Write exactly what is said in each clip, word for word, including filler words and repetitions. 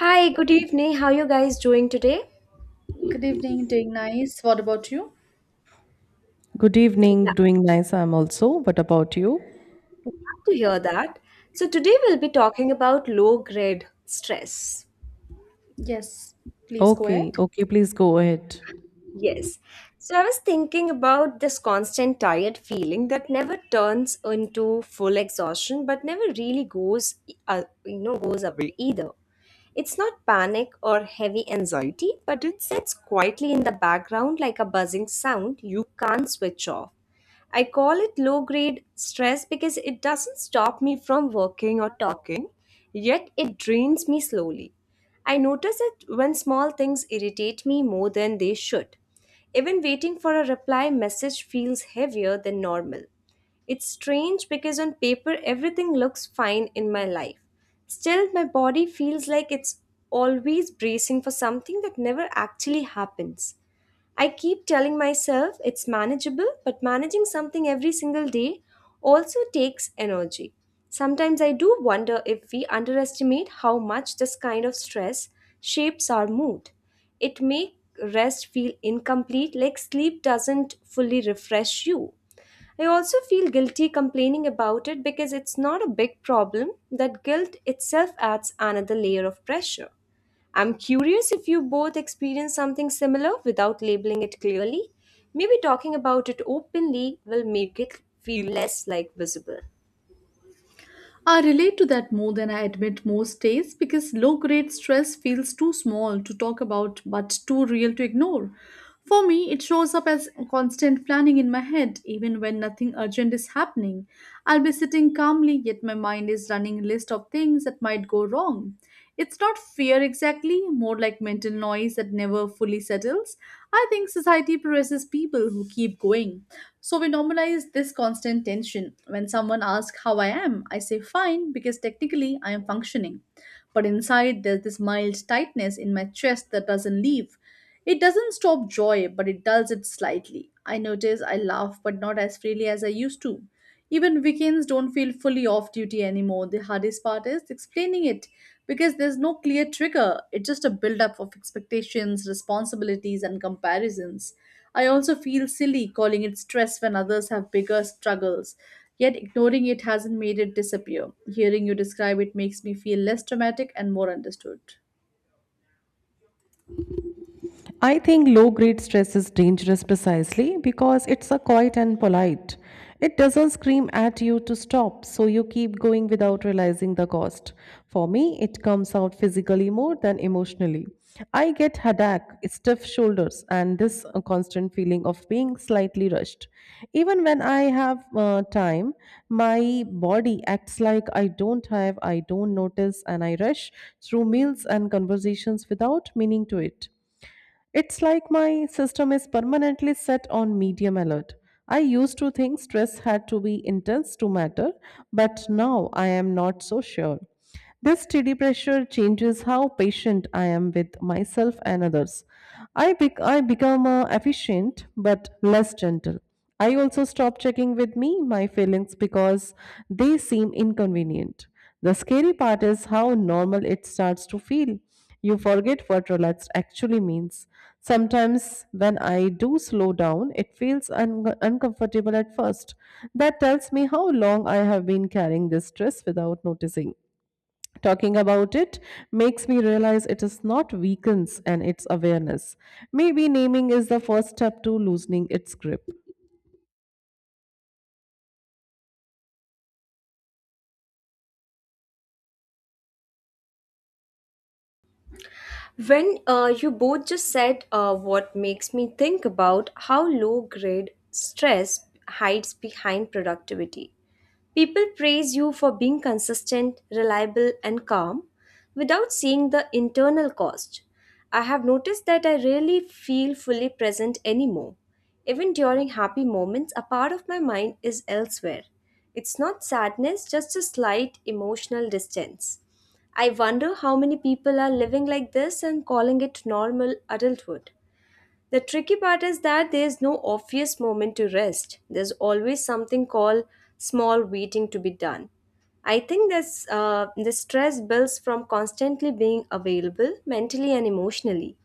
Hi, good evening. How you guys doing today? Good evening, doing nice. What about you? Good evening, Yeah, doing nice. I'm also. What about you? glad to hear that. So today we'll be talking about low grade stress. Yes, please go Okay, ahead. okay, please go ahead. Yes. So I was thinking about this constant tired feeling that never turns into full exhaustion, but never really goes, uh, you know, goes away either. It's not panic or heavy anxiety, but it sits quietly in the background like a buzzing sound you can't switch off. I call it low grade stress because it doesn't stop me from working or talking, yet it drains me slowly. I notice it when small things irritate me more than they should. Even waiting for a reply message feels heavier than normal. It's strange because on paper everything looks fine in my life. Still, my body feels like it's always bracing for something that never actually happens. I keep telling myself it's manageable, but managing something every single day also takes energy. Sometimes I do wonder if we underestimate how much this kind of stress shapes our mood. It makes rest feel incomplete, like sleep doesn't fully refresh you. I also feel guilty complaining about it because it's not a big problem. That guilt itself adds another layer of pressure. I'm curious if you both experience something similar without labeling it clearly. Maybe talking about it openly will make it feel less like visible. I relate to that more than I admit most days because low grade stress feels too small to talk about but too real to ignore. For me, it shows up as constant planning in my head, even when nothing urgent is happening. I'll be sitting calmly, yet my mind is running a list of things that might go wrong. It's not fear exactly, more like mental noise that never fully settles. I think society presses people who keep going, so we normalize this constant tension. When someone asks how I am, I say fine because technically I am functioning. But inside, there's this mild tightness in my chest that doesn't leave. It doesn't stop joy, but it dulls it slightly. I notice I laugh, but not as freely as I used to. Even weekends don't feel fully off duty anymore. The hardest part is explaining it because there's no clear trigger. It's just a buildup of expectations, responsibilities, and comparisons. I also feel silly calling it stress when others have bigger struggles, yet ignoring it hasn't made it disappear. Hearing you describe it makes me feel less dramatic and more understood. I think low grade stress is dangerous precisely because it's a quiet and polite. It doesn't scream at you to stop, so you keep going without realizing the cost. For me, it comes out physically more than emotionally. I get headache, stiff shoulders, and this uh, constant feeling of being slightly rushed. Even when I have uh, time, my body acts like I don't have, I don't notice, and I rush through meals and conversations without meaning to it. It's like my system is permanently set on medium alert. I used to think stress had to be intense to matter, but now I am not so sure. This steady pressure changes how patient I am with myself and others. I, bec- I become uh, efficient but less gentle. I also stop checking with me my feelings because they seem inconvenient. The scary part is how normal it starts to feel. You forget what relaxed actually means. Sometimes, when I do slow down, it feels un- uncomfortable at first. That tells me how long I have been carrying this stress without noticing. Talking about it makes me realize it is not weakness and its awareness. Maybe naming is the first step to loosening its grip. When uh, you both just said uh, what makes me think about how low grade stress hides behind productivity. People praise you for being consistent, reliable, and calm without seeing the internal cost. I have noticed that I rarely feel fully present anymore. Even during happy moments, a part of my mind is elsewhere. It's not sadness, just a slight emotional distance. I wonder how many people are living like this and calling it normal adulthood. The tricky part is that there is no obvious moment to rest. There's always something called small waiting to be done. I think this uh, the stress builds from constantly being available mentally and emotionally.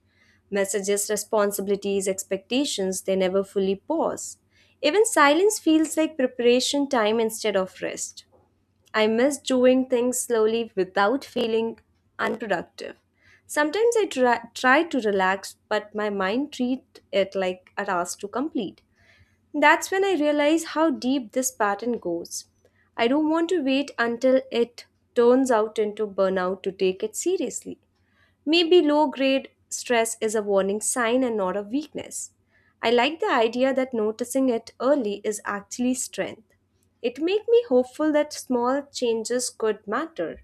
Messages, responsibilities, expectations, they never fully pause. Even silence feels like preparation time instead of rest. I miss doing things slowly without feeling unproductive. Sometimes I try, try to relax, but my mind treats it like a task to complete. That's when I realize how deep this pattern goes. I don't want to wait until it turns out into burnout to take it seriously. Maybe low grade stress is a warning sign and not a weakness. I like the idea that noticing it early is actually strength. It makes me hopeful that small changes could matter.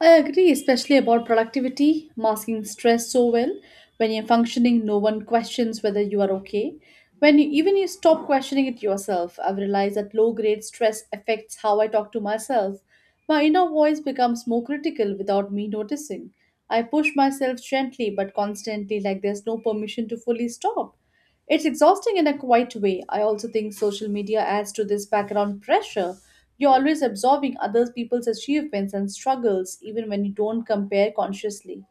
I agree, especially about productivity, masking stress so well. When you're functioning, no one questions whether you are okay. When you, even you stop questioning it yourself, I've realized that low grade stress affects how I talk to myself. My inner voice becomes more critical without me noticing. I push myself gently but constantly, like there's no permission to fully stop. It's exhausting in a quiet way. I also think social media adds to this background pressure. You're always absorbing other people's achievements and struggles, even when you don't compare consciously.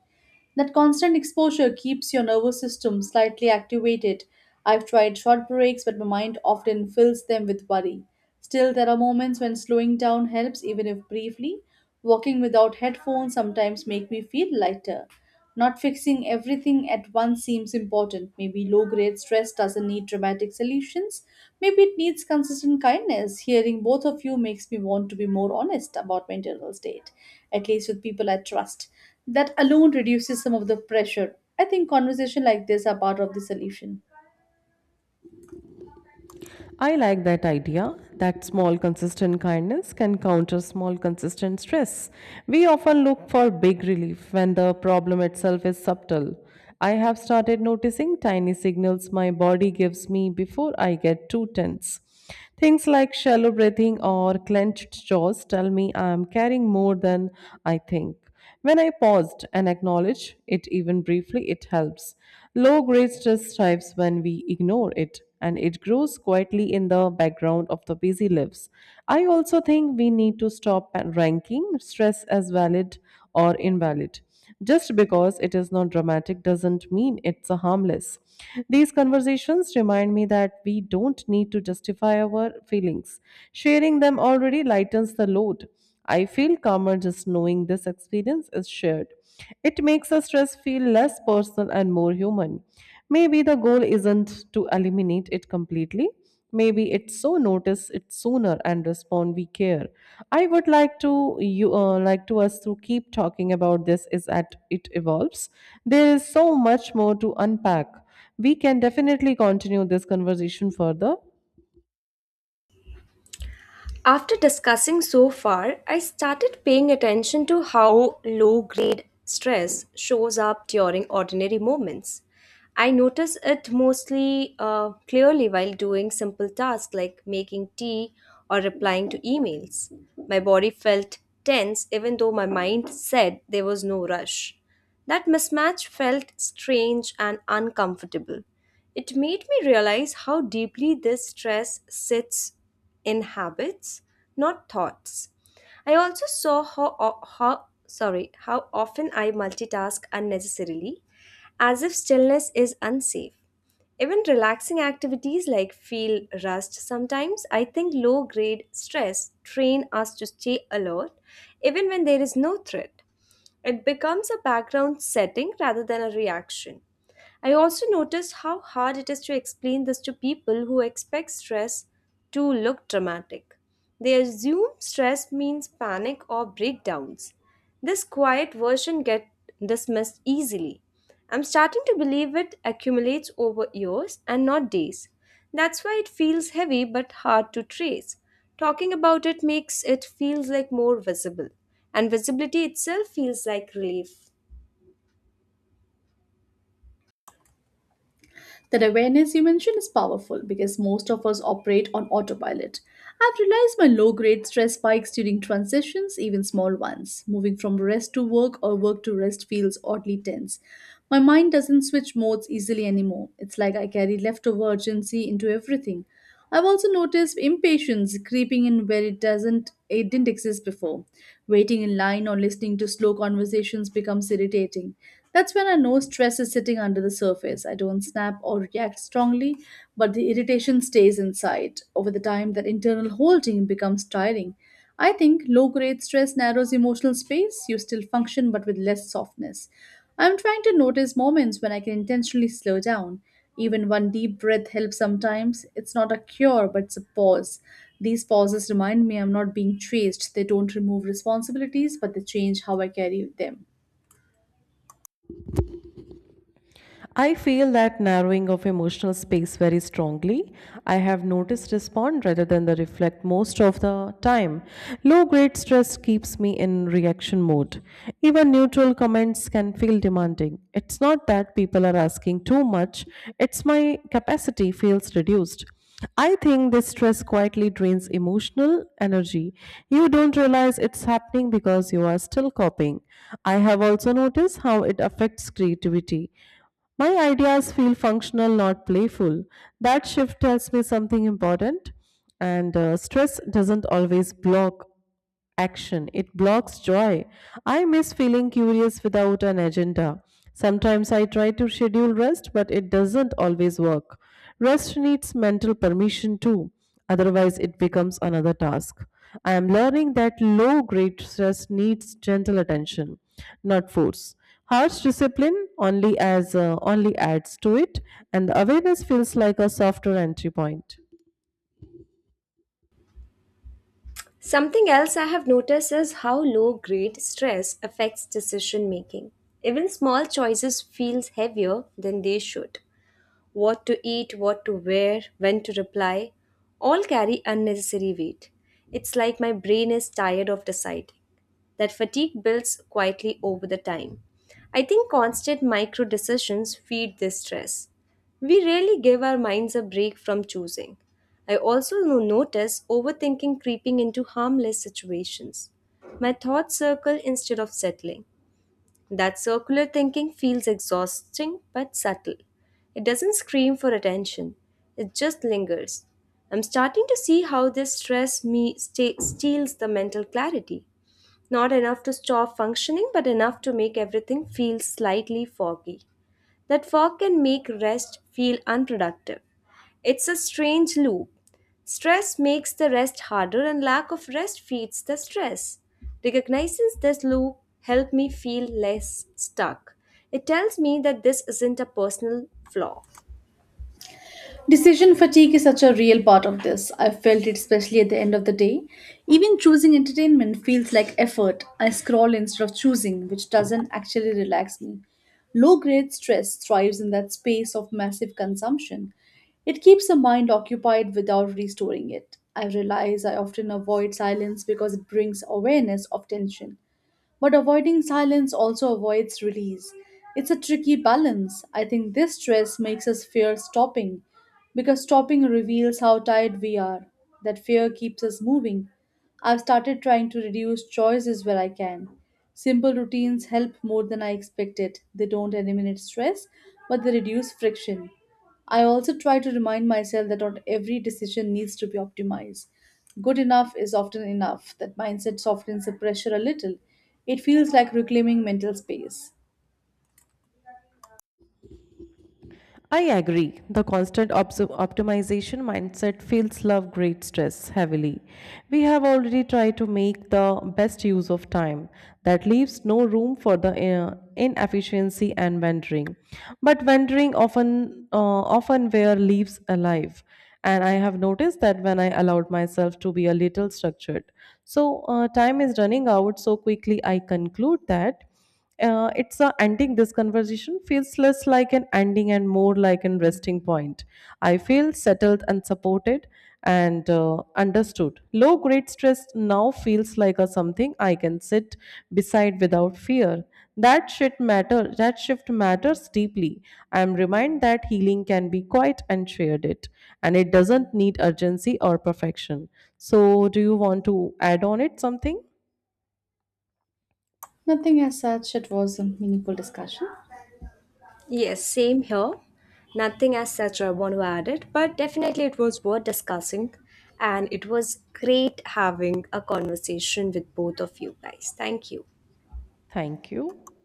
That constant exposure keeps your nervous system slightly activated. I've tried short breaks, but my mind often fills them with worry. Still, there are moments when slowing down helps, even if briefly. Walking without headphones sometimes make me feel lighter. Not fixing everything at once seems important. Maybe low grade stress doesn't need dramatic solutions. Maybe it needs consistent kindness. Hearing both of you makes me want to be more honest about my internal state, at least with people I trust. That alone reduces some of the pressure. I think conversation like this are part of the solution. I like that idea that small, consistent kindness can counter small, consistent stress. We often look for big relief when the problem itself is subtle. I have started noticing tiny signals my body gives me before I get too tense. Things like shallow breathing or clenched jaws tell me I am carrying more than I think. When I paused and acknowledged it even briefly, it helps. Low grade stress thrives when we ignore it and it grows quietly in the background of the busy lives. I also think we need to stop ranking stress as valid or invalid. Just because it is not dramatic doesn't mean it's a harmless. These conversations remind me that we don't need to justify our feelings. Sharing them already lightens the load. I feel calmer just knowing this experience is shared. It makes the stress feel less personal and more human. Maybe the goal isn't to eliminate it completely, maybe it so notice it sooner and respond we care. I would like to you uh, like to us to keep talking about this is that it evolves. There is so much more to unpack. We can definitely continue this conversation further. After discussing so far, I started paying attention to how low grade stress shows up during ordinary moments. I notice it mostly uh, clearly while doing simple tasks like making tea or replying to emails. My body felt tense even though my mind said there was no rush. That mismatch felt strange and uncomfortable. It made me realize how deeply this stress sits in habits, not thoughts. I also saw how, how sorry, how often I multitask unnecessarily, as if stillness is unsafe. Even relaxing activities like feel rust sometimes, I think low grade stress train us to stay alert even when there is no threat. It becomes a background setting rather than a reaction. I also noticed how hard it is to explain this to people who expect stress to look dramatic. They assume stress means panic or breakdowns. This quiet version gets dismissed easily. I'm starting to believe it accumulates over years and not days. That's why it feels heavy but hard to trace. Talking about it makes it feels like more visible, and visibility itself feels like relief. That awareness you mentioned is powerful because most of us operate on autopilot. I've realized my low grade stress spikes during transitions, even small ones. Moving from rest to work or work to rest feels oddly tense. My mind doesn't switch modes easily anymore. It's like I carry leftover urgency into everything. I've also noticed impatience creeping in where it doesn't it didn't exist before. Waiting in line or listening to slow conversations becomes irritating. That's when I know stress is sitting under the surface. I don't snap or react strongly, but the irritation stays inside. Over the time, that internal holding becomes tiring. I think low grade stress narrows emotional space. You still function, but with less softness. I'm trying to notice moments when I can intentionally slow down. Even one deep breath helps sometimes. It's not a cure, but it's a pause. These pauses remind me I'm not being chased. They don't remove responsibilities, but they change how I carry them. I feel that narrowing of emotional space very strongly. I have noticed respond rather than the reflect most of the time. Low grade stress keeps me in reaction mode. Even neutral comments can feel demanding. It's not that people are asking too much, it's my capacity feels reduced. I think this stress quietly drains emotional energy. You don't realize it's happening because you are still coping. I have also noticed how it affects creativity. My ideas feel functional, not playful. That shift tells me something important. And uh, stress doesn't always block action, it blocks joy. I miss feeling curious without an agenda. Sometimes I try to schedule rest, but it doesn't always work. Rest needs mental permission too, otherwise, it becomes another task. I am learning that low grade stress needs gentle attention, not force. Harsh discipline only as uh, only adds to it, and the awareness feels like a softer entry point. Something else I have noticed is how low grade stress affects decision making. Even small choices feels heavier than they should, what to eat, what to wear, when to reply, all carry unnecessary weight. It's like my brain is tired of deciding. That fatigue builds quietly over the time. I think constant micro decisions feed this stress. We rarely give our minds a break from choosing. I also no- notice overthinking creeping into harmless situations. My thoughts circle instead of settling. That circular thinking feels exhausting but subtle. It doesn't scream for attention, it just lingers. I'm starting to see how this stress me sta steals the mental clarity. Not enough to stop functioning, but enough to make everything feel slightly foggy. That fog can make rest feel unproductive. It's a strange loop. Stress makes the rest harder, and lack of rest feeds the stress. Recognizing this loop helped me feel less stuck. It tells me that this isn't a personal flaw. Decision fatigue is such a real part of this. I felt it especially at the end of the day. Even choosing entertainment feels like effort. I scroll instead of choosing, which doesn't actually relax me. Low grade stress thrives in that space of massive consumption. It keeps the mind occupied without restoring it. I realize I often avoid silence because it brings awareness of tension. But avoiding silence also avoids release. It's a tricky balance. I think this stress makes us fear stopping because stopping reveals how tired we are. That fear keeps us moving. I've started trying to reduce choices where I can. Simple routines help more than I expected. They don't eliminate stress, but they reduce friction. I also try to remind myself that not every decision needs to be optimized. Good enough is often enough. That mindset softens the pressure a little. It feels like reclaiming mental space. I agree. The constant obs- optimization mindset feels love great stress heavily. We have already tried to make the best use of time. That leaves no room for the uh, inefficiency and wandering. But wandering often uh, often where leaves alive. And I have noticed that when I allowed myself to be a little structured. So uh, time is running out so quickly. I conclude that uh, it's a ending this conversation feels less like an ending and more like an resting point. I feel settled and supported and uh, understood. Low grade stress now feels like a something I can sit beside without fear. That shit matter that shift matters deeply. I am reminded that healing can be quiet and shared it, and it doesn't need urgency or perfection. So do you want to add on it something? Nothing as such. It was a meaningful discussion. Yes, same here. Nothing as such I want to add it, but definitely it was worth discussing, and it was great having a conversation with both of you guys. Thank you. Thank you.